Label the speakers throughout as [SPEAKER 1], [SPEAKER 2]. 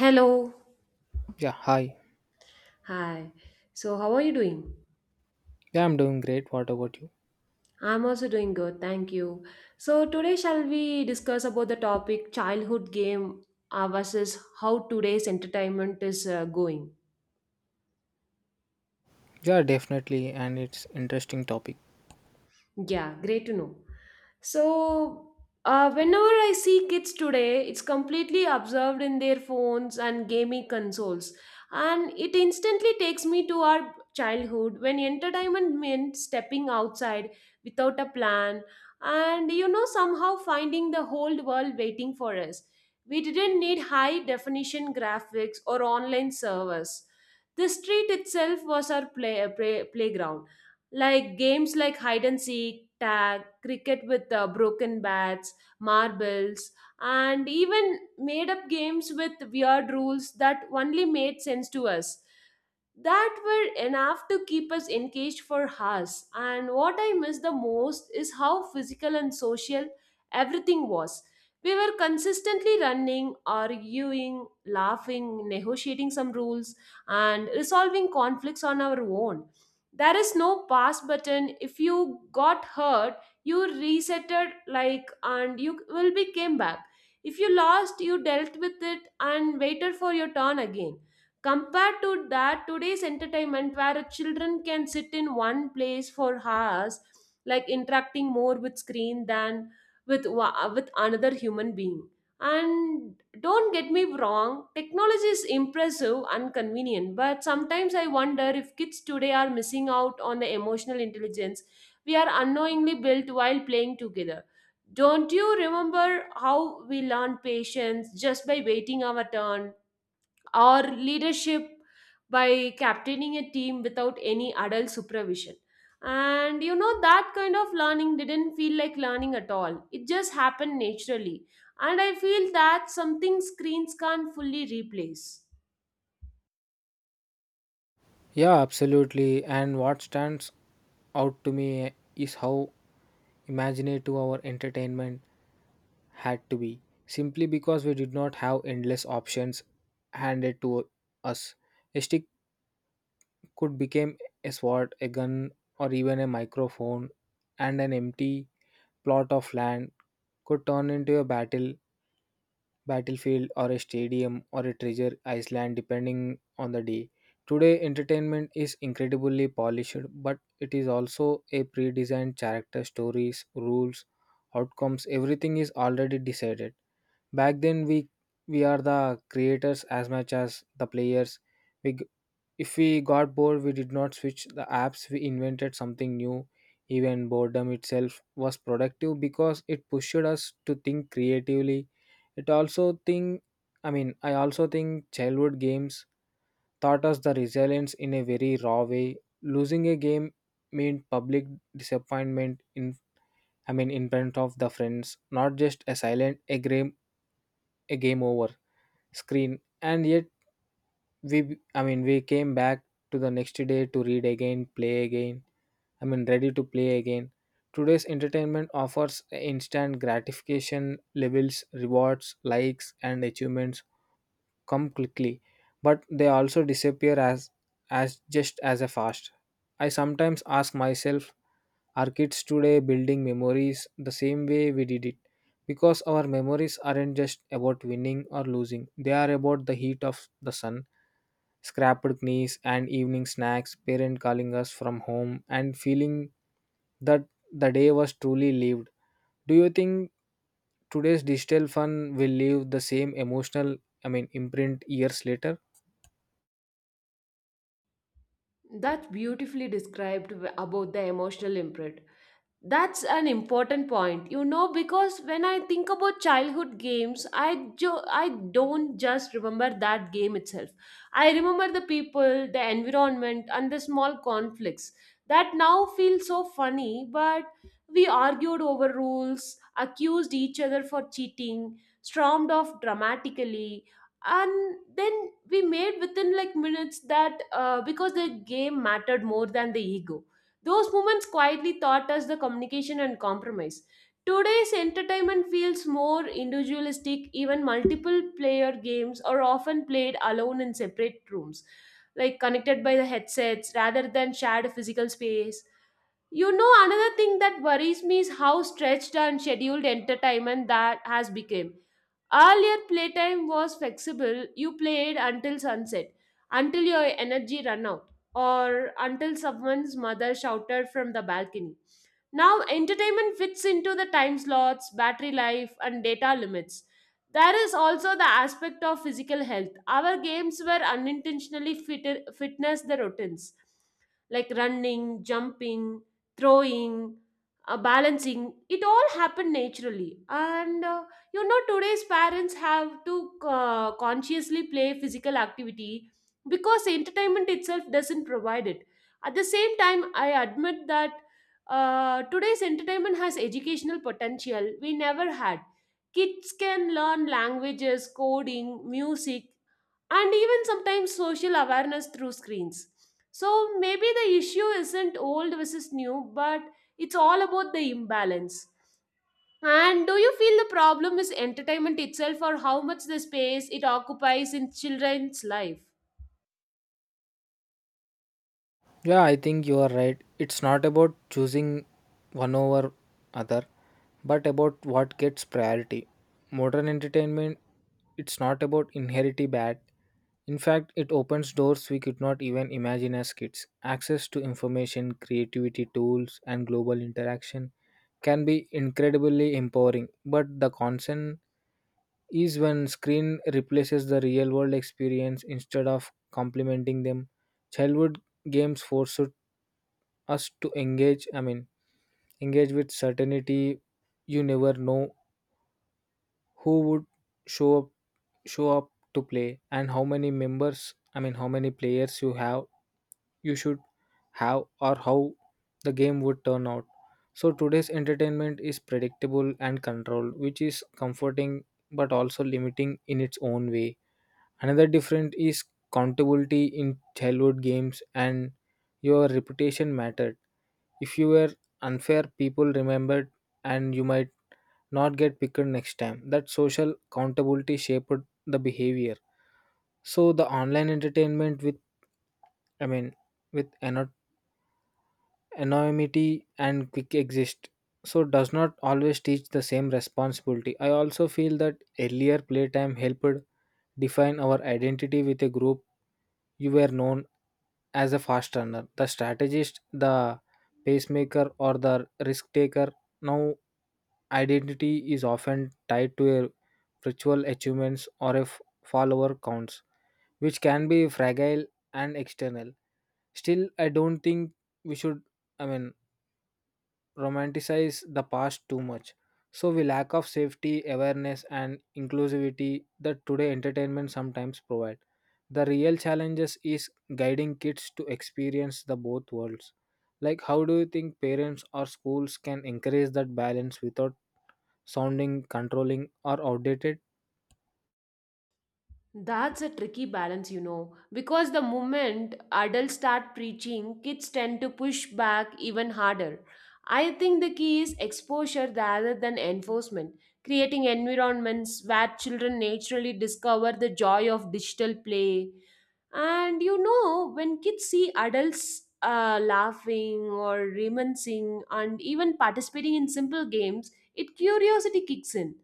[SPEAKER 1] Hello.
[SPEAKER 2] Yeah, hi.
[SPEAKER 1] Hi. So, how are you doing?
[SPEAKER 2] Yeah, I'm doing great. What about you?
[SPEAKER 1] I'm also doing good. Thank you. So, today shall we discuss about the topic childhood game versus how today's entertainment is going?
[SPEAKER 2] Yeah, definitely, and it's interesting topic.
[SPEAKER 1] Yeah, great to know. So, whenever I see kids today, it's completely absorbed in their phones and gaming consoles. And it instantly takes me to our childhood when entertainment meant stepping outside without a plan and, you know, somehow finding the whole world waiting for us. We didn't need high definition graphics or online servers. The street itself was our playground like games like hide and seek, tag, cricket with broken bats, marbles, and even made up games with weird rules that only made sense to us that were enough to keep us engaged for hours. And what I miss the most is how physical and social everything was. We were consistently running, arguing, laughing, negotiating some rules, and resolving conflicts on our own. There is no pass button if you got hurt. You resetted, like, and you will be came back. If you lost, you dealt with it and waited for your turn again. Compared to that, today's entertainment where children can sit in one place for hours, like interacting more with screen than with with another human being. And don't get me wrong, technology is impressive and convenient, but sometimes I wonder if kids today are missing out on the emotional intelligence we are unknowingly built while playing together. Don't you remember how we learned patience just by waiting our turn? Or leadership by captaining a team without any adult supervision. And you know, that kind of learning didn't feel like learning at all, it just happened naturally. And I feel that something screens can't fully replace.
[SPEAKER 2] Yeah, absolutely. And what stands out to me is how imaginative our entertainment had to be, simply because we did not have endless options handed to us. A stick could become a sword, a gun, or even a microphone, and an empty plot of land could turn into a battlefield or a stadium or a treasure island depending on the day. Today entertainment is incredibly polished, but it is also a pre-designed character stories, rules, outcomes, everything is already decided. Back then we are the creators as much as the players. We, if we got bored, we did not switch the apps, we invented something new. Even boredom itself was productive because it pushed us to think creatively. It also think I mean, I also think childhood games taught us the resilience in a very raw way. Losing a game meant public disappointment in I mean in front of the friends, not just a silent a game over screen, and yet we b- I mean we came back to the next day to read again play again I mean ready to play again. Today's entertainment offers instant gratification, levels, rewards, likes, and achievements come quickly, but they also disappear as just as a fast. I sometimes ask myself, our kids today building memories the same way we did it? Because our memories aren't just about winning or losing, they are about the heat of the sun, scrapped knees, and evening snacks, parent calling us from home, and feeling that the day was truly lived. Do you think today's digital fun will leave the same emotional, imprint years later?
[SPEAKER 1] That's beautifully described about the emotional imprint. That's an important point, you know, because when I think about childhood games, I don't just remember that game itself. I remember the people, the environment, and the small conflicts that now feel so funny. But we argued over rules, accused each other for cheating, stormed off dramatically, and then we made within like minutes that because the game mattered more than the ego. Those moments quietly taught us the communication and compromise. Today's entertainment feels more individualistic, even multiple player games are often played alone in separate rooms, like connected by the headsets rather than shared physical space. You know, another thing that worries me is how stretched and scheduled entertainment that has become. Earlier, playtime was flexible. You played until sunset, until your energy ran out, or until someone's mother shouted from the balcony. Now, entertainment fits into the time slots, battery life, and data limits. There is also the aspect of physical health. Our games were unintentionally fitness the routines, like running, jumping, throwing, balancing, it all happened naturally. And you know, today's parents have to consciously play physical activity because entertainment itself doesn't provide it. At the same time, I admit that today's entertainment has educational potential we never had. Kids can learn languages, coding, music, and even sometimes social awareness through screens. So maybe the issue isn't old versus new, but it's all about the imbalance. And do you feel the problem is entertainment itself or how much the space it occupies in children's life?
[SPEAKER 2] Yeah, I think you are right. It's not about choosing one over other, but about what gets priority. Modern entertainment, it's not about inherently bad. In fact, it opens doors we could not even imagine as kids. Access to information, creativity tools, and global interaction can be incredibly empowering, but the concern is when screen replaces the real world experience instead of complementing them. Childhood games forced us to engage I mean engage with certainty. You never know who would show up show up to play and how many players you have, you should have, or how the game would turn out. So today's entertainment is predictable and controlled, which is comforting but also limiting in its own way. Another difference is accountability in childhood games, and your reputation mattered. If you were unfair, people remembered and you might not get picked next time. That social accountability shaped the behavior. So the online entertainment with I mean with ano- anonymity and quick exist, so does not always teach the same responsibility. I also feel that earlier playtime helped define our identity with a group. You were known as a fast runner, the strategist, the pacemaker, or the risk taker. Now identity is often tied to a ritual achievements or follower counts, which can be fragile and external. Still, I don't think we should, I mean, romanticize the past too much. So, we lack of safety, awareness, and inclusivity that today entertainment sometimes provide. The real challenges is guiding kids to experience the both worlds. Like, how do you think parents or schools can encourage that balance without sounding controlling or outdated?
[SPEAKER 1] That's a tricky balance, you know, because the moment adults start preaching, kids tend to push back even harder. I think the key is exposure rather than enforcement, creating environments where children naturally discover the joy of digital play, and you know, when kids see adults laughing or reminiscing and even participating in simple games, it curiosity kicks in.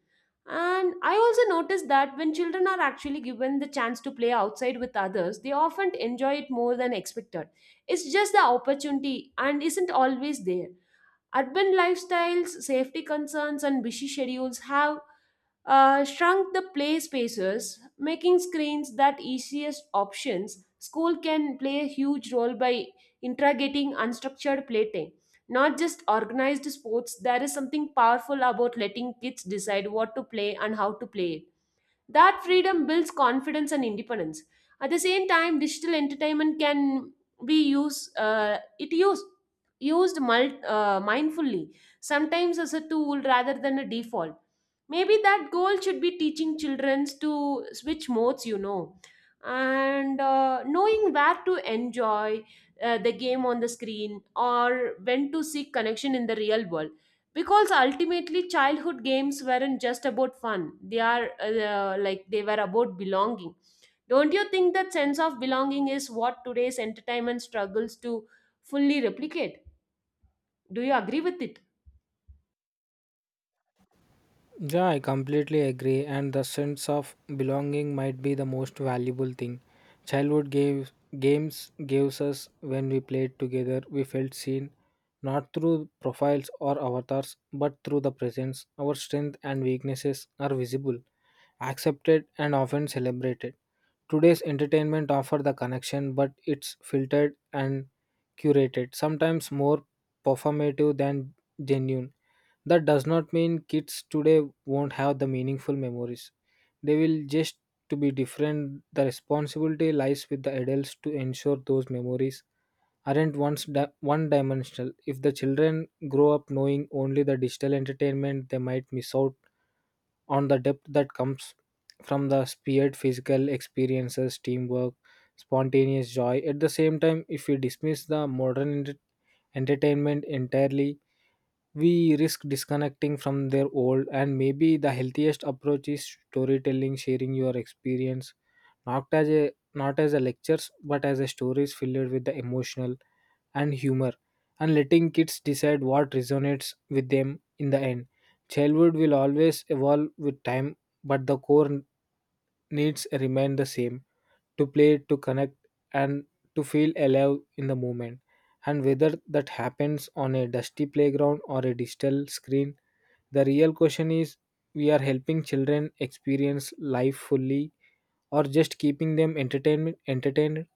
[SPEAKER 1] And I also noticed that when children are actually given the chance to play outside with others, they often enjoy it more than expected. It's just the opportunity and isn't always there. Urban lifestyles, safety concerns, and busy schedules have shrunk the play spaces, making screens that easiest options. School can play a huge role by integrating unstructured playtime, not just organized sports. There is something powerful about letting kids decide what to play and how to play it. That freedom builds confidence and independence. At the same time, digital entertainment can be used, it used used mul- mindfully, sometimes as a tool rather than a default. Maybe that goal should be teaching children to switch modes, you know, and knowing where to enjoy the game on the screen or when to seek connection in the real world because ultimately childhood games weren't just about fun. They are like they were about belonging. Don't you think that sense of belonging is what today's entertainment struggles to fully replicate? Do you agree with it?
[SPEAKER 2] Yeah, I completely agree, and the sense of belonging might be the most valuable thing. Childhood gave, Games gives us, when we played together, we felt seen not through profiles or avatars but through the presence. Our strength and weaknesses are visible, accepted, and often celebrated. Today's entertainment offer the connection, but it's filtered and curated, sometimes more performative than genuine. That does not mean kids today won't have the meaningful memories. They will just to be different. The responsibility lies with the adults to ensure those memories aren't one-dimensional. If the children grow up knowing only the digital entertainment, they might miss out on the depth that comes from the speared physical experiences, teamwork, spontaneous joy. At the same time, if we dismiss the modern entertainment entirely, we risk disconnecting from their old. And maybe the healthiest approach is storytelling, sharing your experience, not as a lectures but as a stories filled with the emotional and humor, and letting kids decide what resonates with them in the end. Childhood will always evolve with time, but the core needs remain the same: to play, to connect, and to feel alive in the moment. And whether that happens on a dusty playground or a digital screen, the real question is, we are helping children experience life fully or just keeping them entertainment entertained?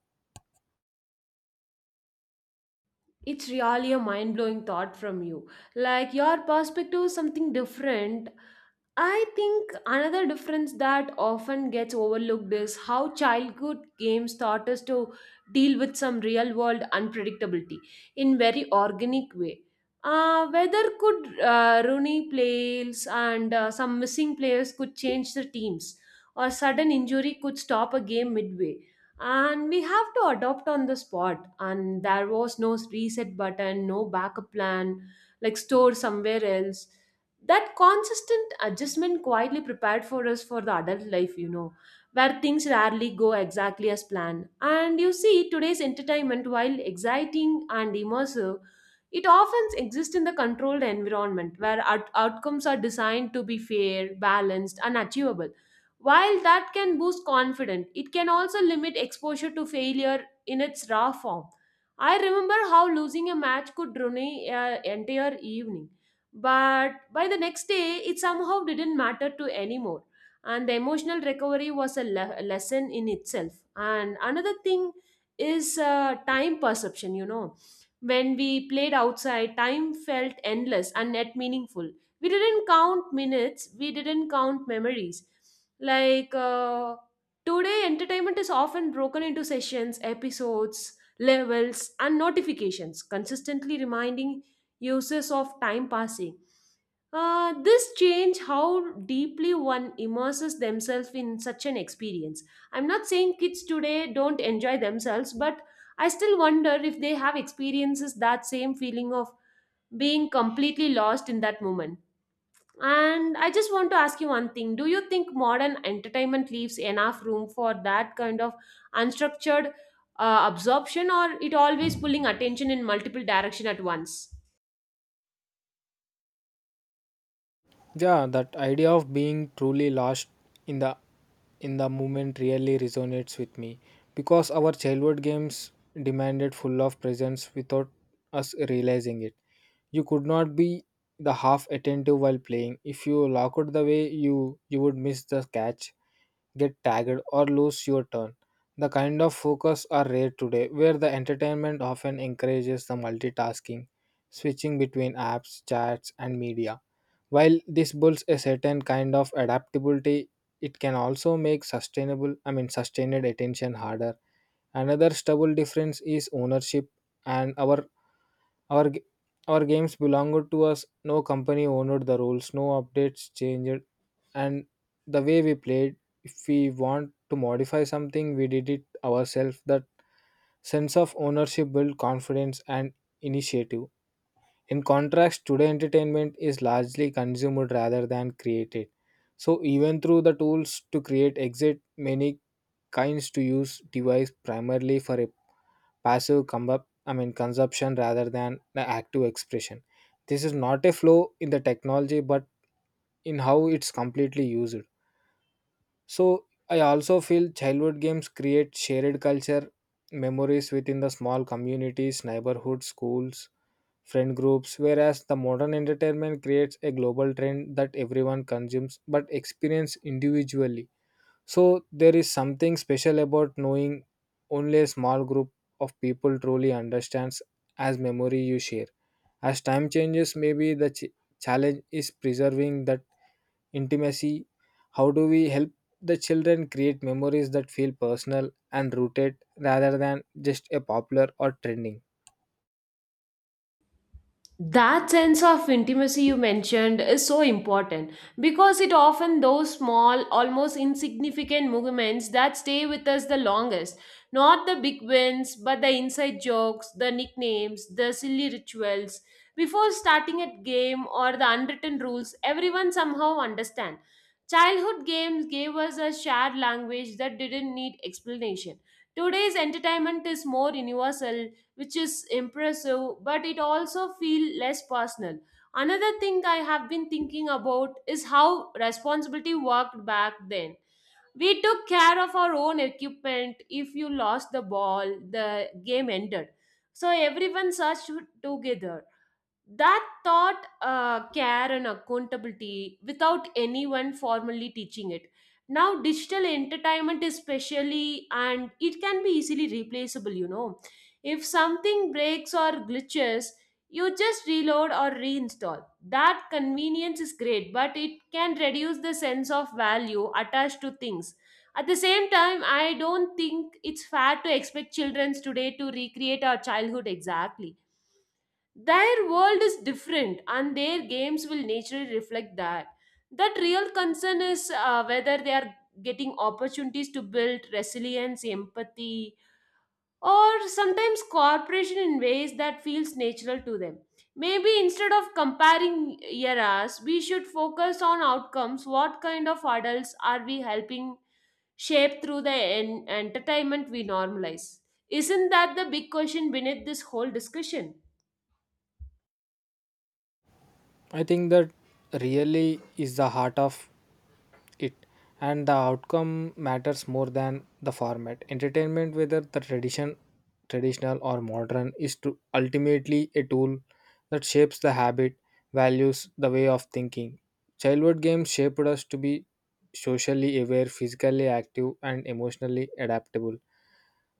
[SPEAKER 1] It's really a mind blowing thought from you. Like your perspective is something different. I think another difference that often gets overlooked is how childhood games taught us to deal with some real world unpredictability in very organic way. Weather could ruin plays and some missing players could change the teams or sudden injury could stop a game midway, and we have to adopt on the spot and there was no reset button, no backup plan like store somewhere else. That consistent adjustment quietly prepared for us for the adult life, you know, where things rarely go exactly as planned. And you see today's entertainment, while exciting and immersive, it often exists in the controlled environment where outcomes are designed to be fair, balanced and achievable. While that can boost confidence, it can also limit exposure to failure in its raw form. I remember how losing a match could ruin an entire evening, but by the next day, it somehow didn't matter to anymore. And the emotional recovery was a lesson in itself. And another thing is time perception, you know. When we played outside, time felt endless and yet meaningful. We didn't count minutes, we didn't count memories. like uh, Today entertainment is often broken into sessions, episodes, levels and notifications consistently reminding users of time passing. This change how deeply one immerses themselves in such an experience. I'm not saying kids today don't enjoy themselves, but I still wonder if they have experiences that same feeling of being completely lost in that moment. And I just want to ask you one thing. Do you think modern entertainment leaves enough room for that kind of unstructured absorption or it always pulling attention in multiple direction at once?
[SPEAKER 2] Yeah, that idea of being truly lost in the moment really resonates with me, because our childhood games demanded full of presence without us realizing it. You could not be the half attentive while playing. If you locked the way, you would miss the catch, get tagged, or lose your turn. The kind of focus are rare today where the entertainment often encourages the multitasking, switching between apps, chats, and media. While this builds a certain kind of adaptability, it can also make sustained attention harder. Another stubble difference is ownership, and our g- our games belonged to us. No company owned the rules, no updates changed, and the way we played. If we want to modify something, we did it ourselves. That sense of ownership built confidence and initiative. In contrast, today entertainment is largely consumed rather than created. So even through the tools to create exist, many kinds to use device primarily for a passive consumption rather than the active expression. This is not a flaw in the technology but in how it's completely used. So I also feel childhood games create shared culture memories within the small communities, neighborhoods, schools, friend groups, whereas the modern entertainment creates a global trend that everyone consumes but experience individually. So there is something special about knowing only a small group of people truly understands as memory you share. As time changes, maybe the challenge is preserving that intimacy. How do we help the children create memories that feel personal and rooted rather than just a popular or trending?
[SPEAKER 1] That sense of intimacy you mentioned is so important because it often those small almost insignificant movements that stay with us the longest, not the big wins but the inside jokes, the nicknames, the silly rituals before starting a game or the unwritten rules everyone somehow understand. Childhood games gave us a shared language that didn't need explanation. Today's entertainment is more universal, which is impressive, but it also feel less personal. Another thing I have been thinking about is how responsibility worked back then. We took care of our own equipment. If you lost the ball, the game ended. So everyone searched together. That taught care and accountability without anyone formally teaching it. Now, digital entertainment is specially and it can be easily replaceable, you know. If something breaks or glitches, you just reload or reinstall. That convenience is great, but it can reduce the sense of value attached to things. At the same time, I don't think it's fair to expect children today to recreate our childhood exactly. Their world is different, and their games will naturally reflect that. That real concern is whether they are getting opportunities to build resilience, empathy, or sometimes cooperation in ways that feels natural to them. Maybe instead of comparing eras, we should focus on outcomes. What kind of adults are we helping shape through the entertainment we normalize? Isn't that the big question beneath this whole discussion?
[SPEAKER 2] I think that really is the heart of it, and the outcome matters more than the format. Entertainment, whether the traditional or modern, is to ultimately a tool that shapes the habit, values, the way of thinking. Childhood games shaped us to be socially aware, physically active, and emotionally adaptable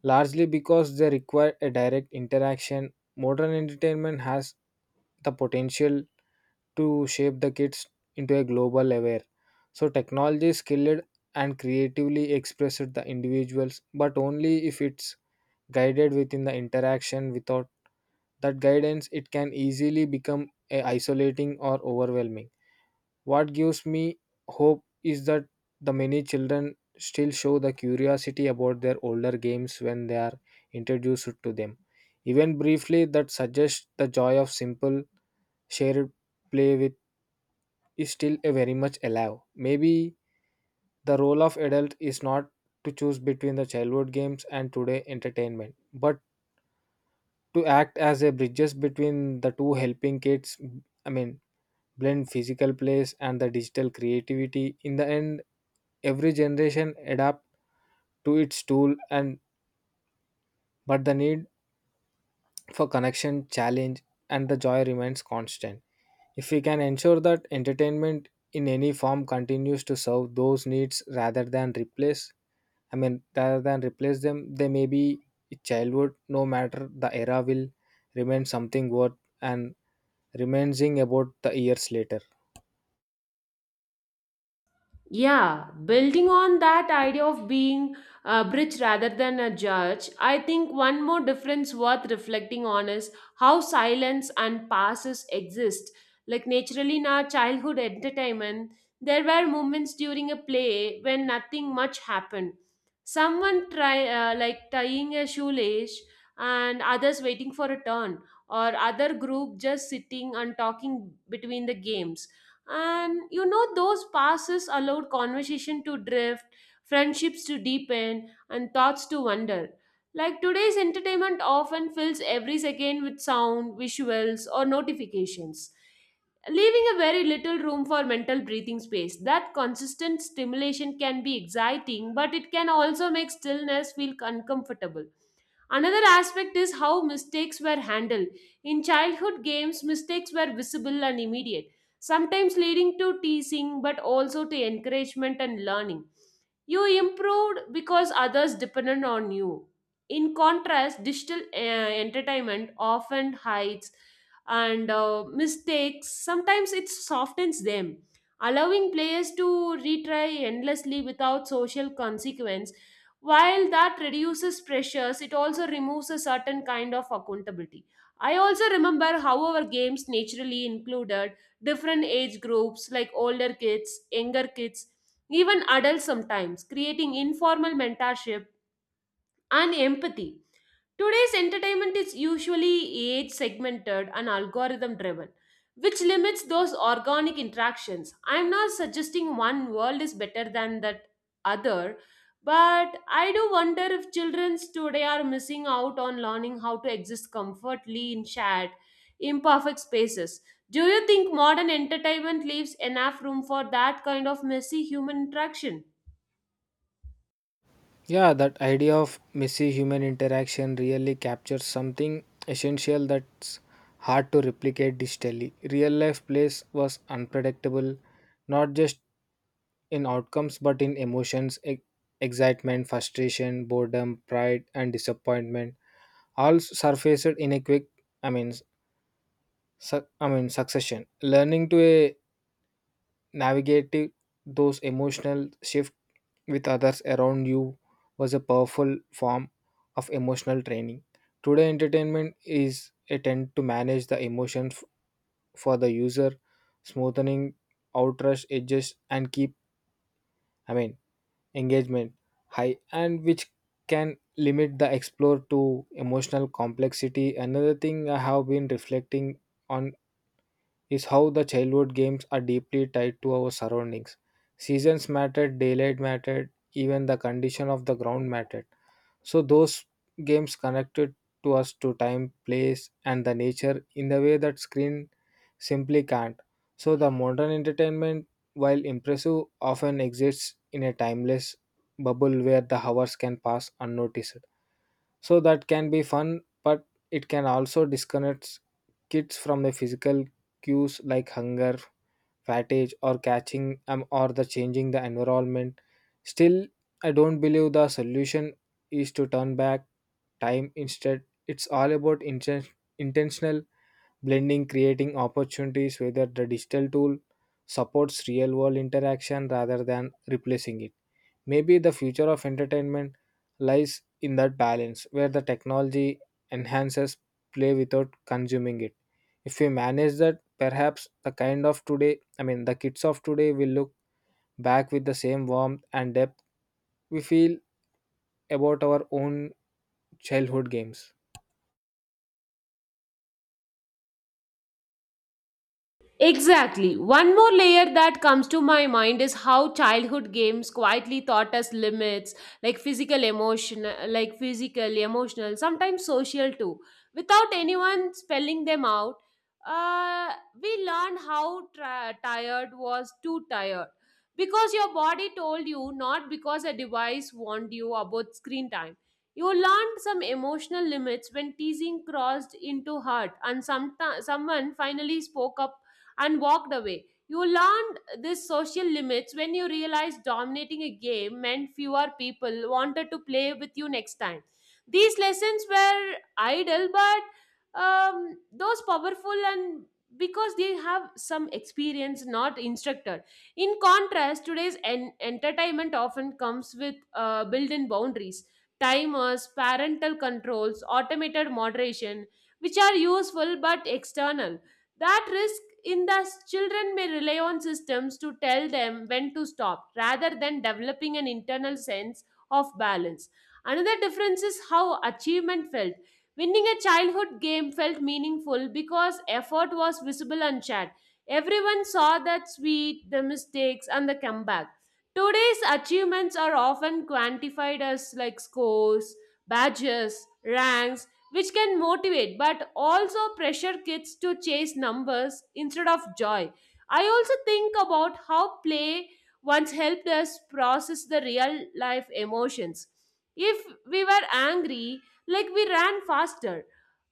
[SPEAKER 2] largely because they require a direct interaction. Modern entertainment has the potential to shape the kids into a global aware. So technology is skilled and creatively expressed the individuals, but only if it's guided within the interaction. Without that guidance it can easily become a isolating or overwhelming. What gives me hope is that the many children still show the curiosity about their older games when they are introduced to them. Even briefly, that suggests the joy of simple shared play with is still a very much alive. Maybe the role of adult is not to choose between the childhood games and today entertainment, but to act as a bridges between the two, helping kids. I mean, Blend physical plays and the digital creativity. In the end, every generation adapt to its tool and but the need for connection, challenge, and the joy remains constant. If we can ensure that entertainment in any form continues to serve those needs rather than replace them, they may be childhood, no matter the era, will remain something worth and remaining about the years later.
[SPEAKER 1] Yeah, building on that idea of being a bridge rather than a judge, I think one more difference worth reflecting on is how silence and passes exist. Like naturally in our childhood entertainment, there were moments during a play when nothing much happened. Someone try like tying a shoelace and others waiting for a turn or other group just sitting and talking between the games. And you know, those passes allowed conversation to drift, friendships to deepen, and thoughts to wander. Like today's entertainment often fills every second with sound, visuals, or notifications, leaving a very little room for mental breathing space. That consistent stimulation can be exciting, but it can also make stillness feel uncomfortable. Another aspect is how mistakes were handled. In childhood games, mistakes were visible and immediate, sometimes leading to teasing but also to encouragement and learning. You improved because others depended on you. In contrast, digital entertainment often hides and mistakes. Sometimes it softens them, allowing players to retry endlessly without social consequence. While that reduces pressures, it also removes a certain kind of accountability. I also remember how our games naturally included different age groups like older kids, younger kids, even adults sometimes, creating informal mentorship and empathy. Today's entertainment is usually age segmented and algorithm driven, which limits those organic interactions. I'm not suggesting one world is better than that other, but I do wonder if children today are missing out on learning how to exist comfortably in shared, imperfect spaces. Do you think modern entertainment leaves enough room for that kind of messy human interaction?
[SPEAKER 2] Yeah, that idea of messy human interaction really captures something essential that's hard to replicate digitally. Real life plays was unpredictable, not just in outcomes but in emotions, excitement, frustration, boredom, pride, and disappointment. All surfaced in a quick, I mean, su- I mean, succession. Learning to a Navigating those emotional shifts with others around you was a powerful form of emotional training. Today, entertainment is a tend to manage the emotions for the user, smoothing out rush edges and keep, I mean, engagement high, and which can limit the explore to emotional complexity. Another thing I have been reflecting on is how the childhood games are deeply tied to our surroundings. Seasons mattered, daylight mattered, even the condition of the ground mattered. So those games connected to us to time, place, and the nature in the way that screen simply can't. So the modern entertainment, while impressive, often exists in a timeless bubble where the hours can pass unnoticed. So that can be fun, but it can also disconnect kids from the physical cues like hunger, fatigue, or catching or the changing the environment. Still, I don't believe the solution is to turn back time. Instead, it's all about intentional blending, creating opportunities whether the digital tool supports real world interaction rather than replacing it. Maybe the future of entertainment lies in that balance where the technology enhances play without consuming it. If we manage that, perhaps the kind of today I mean the kids of today will look back with the same warmth and depth we feel about our own childhood games.
[SPEAKER 1] Exactly. One more layer that comes to my mind is how childhood games quietly taught us limits, like physical, emotional, sometimes social too. Without anyone spelling them out, uh, we learned how tired was too tired. Because your body told you, not because a device warned you about screen time. You learned some emotional limits when teasing crossed into hurt, and someone finally spoke up and walked away. You learned these social limits when you realized dominating a game meant fewer people wanted to play with you next time. These lessons were idle, but those powerful and because they have some experience, not instructor. In contrast, today's entertainment often comes with built in boundaries, timers, parental controls, automated moderation, which are useful but external that risk in the children may rely on systems to tell them when to stop rather than developing an internal sense of balance. Another difference is how achievement felt. Winning a childhood game felt meaningful because effort was visible and shared. Everyone saw that sweet, the mistakes, and the comeback. Today's achievements are often quantified as like scores, badges, ranks, which can motivate but also pressure kids to chase numbers instead of joy. I also think about how play once helped us process the real life emotions. If we were angry, like we ran faster.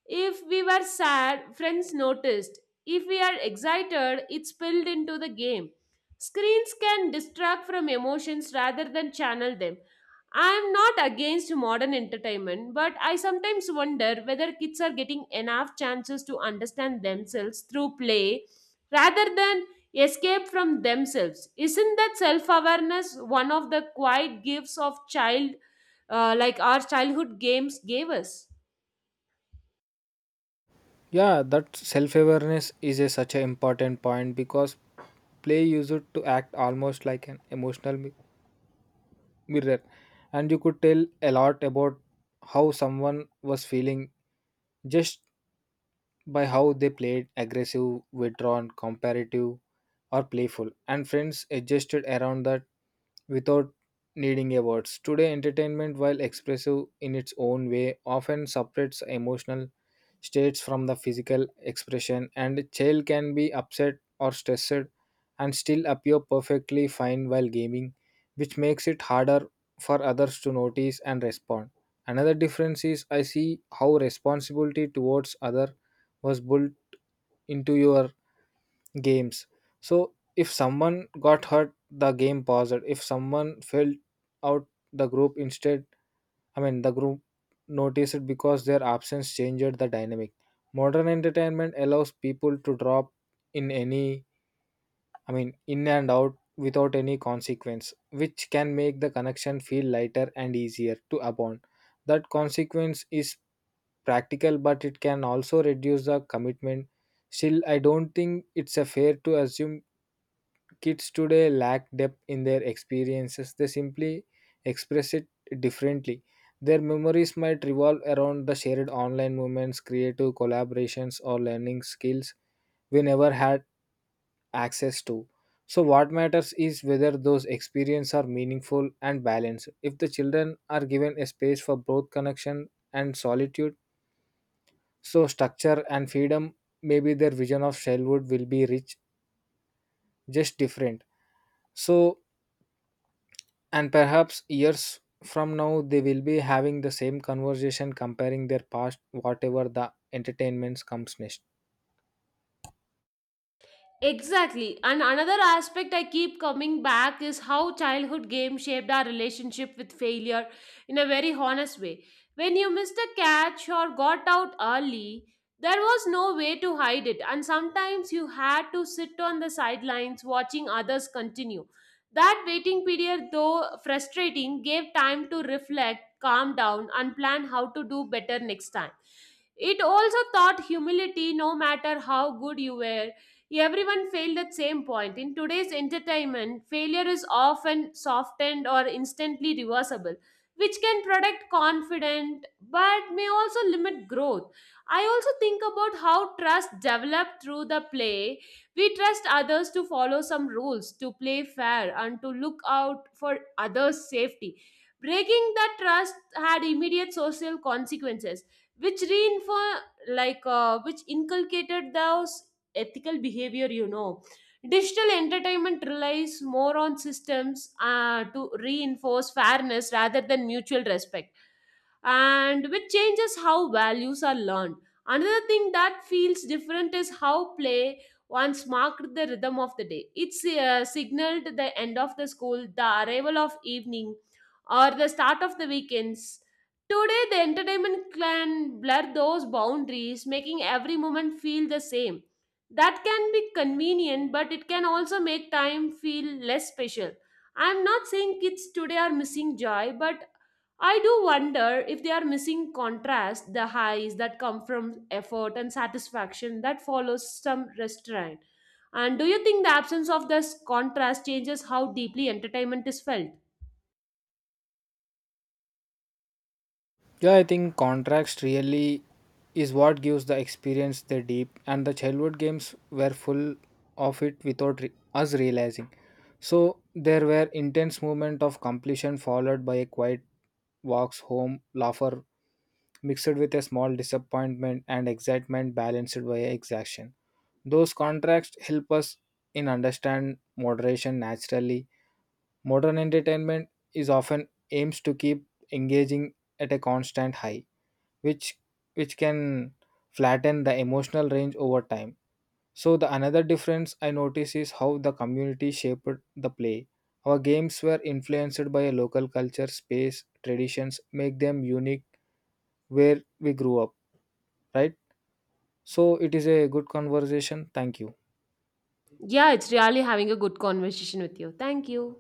[SPEAKER 1] If we were sad, friends noticed. If we are excited, it spilled into the game. Screens can distract from emotions rather than channel them. I am not against modern entertainment, but I sometimes wonder whether kids are getting enough chances to understand themselves through play rather than escape from themselves. Isn't that self awareness one of the quiet gifts of like our childhood games gave us?
[SPEAKER 2] Yeah, that self awareness is a, such an important point, because play used to act almost like an emotional mirror, and you could tell a lot about how someone was feeling just by how they played: aggressive, withdrawn, comparative, or playful. And friends adjusted around that without needing a words. Today, entertainment, while expressive in its own way, often separates emotional states from the physical expression, and a child can be upset or stressed and still appear perfectly fine while gaming, which makes it harder for others to notice and respond. Another difference is I see how responsibility towards other was built into your games. So if someone got hurt, the game paused. If someone fell out, the group instead I mean, the group noticed it because their absence changed the dynamic. Modern entertainment allows people to drop in any, in and out without any consequence, which can make the connection feel lighter and easier to abandon. That consequence is practical, but it can also reduce the commitment. Still, I don't think it's a fair to assume kids today lack depth in their experiences, they simply express it differently. Their memories might revolve around the shared online moments, creative collaborations, or learning skills we never had access to. So, what matters is whether those experiences are meaningful and balanced. If the children are given a space for both connection and solitude, so structure and freedom, maybe their vision of childhood will be rich, just different. So, and perhaps years from now, they will be having the same conversation comparing their past, whatever the entertainments comes next.
[SPEAKER 1] Exactly. And another aspect I keep coming back is how childhood games shaped our relationship with failure in a very honest way. When you missed a catch or got out early, there was no way to hide it, and sometimes you had to sit on the sidelines watching others continue. That waiting period, though frustrating, gave time to reflect, calm down, and plan how to do better next time. It also taught humility no matter how good you were. Everyone failed at same point. In today's entertainment, failure is often softened or instantly reversible, which can protect confidence but may also limit growth. I also think about how trust developed through the play. We trust others to follow some rules, to play fair, and to look out for others' safety. Breaking that trust had immediate social consequences, which reinforced which inculcated those ethical behavior. You know, digital entertainment relies more on systems to reinforce fairness rather than mutual respect and which changes how values are learned. Another thing that feels different is how play once marked the rhythm of the day. It's signaled the end of the school, the arrival of evening, or the start of the weekends. Today, the entertainment can blur those boundaries, making every moment feel the same. That can be convenient, but it can also make time feel less special. I'm not saying kids today are missing joy, but I do wonder if they are missing contrast, the highs that come from effort and satisfaction that follows some restraint. And do you think the absence of this contrast changes how deeply entertainment is felt?
[SPEAKER 2] Yeah, I think contrast really is what gives the experience the deep, and the childhood games were full of it without us realizing. So there were intense moment of completion followed by a quiet walks home, laughter mixed with a small disappointment and excitement balanced by exhaustion. Those contrasts help us in understand moderation naturally. Modern entertainment is often aims to keep engaging at a constant high, which which can flatten the emotional range over time. So the another difference I notice is how the community shaped the play. Our games were influenced by a local culture, space, traditions, make them unique where we grew up, right? So it is a good conversation. Thank you.
[SPEAKER 1] Yeah, it's really having a good conversation with you. Thank you.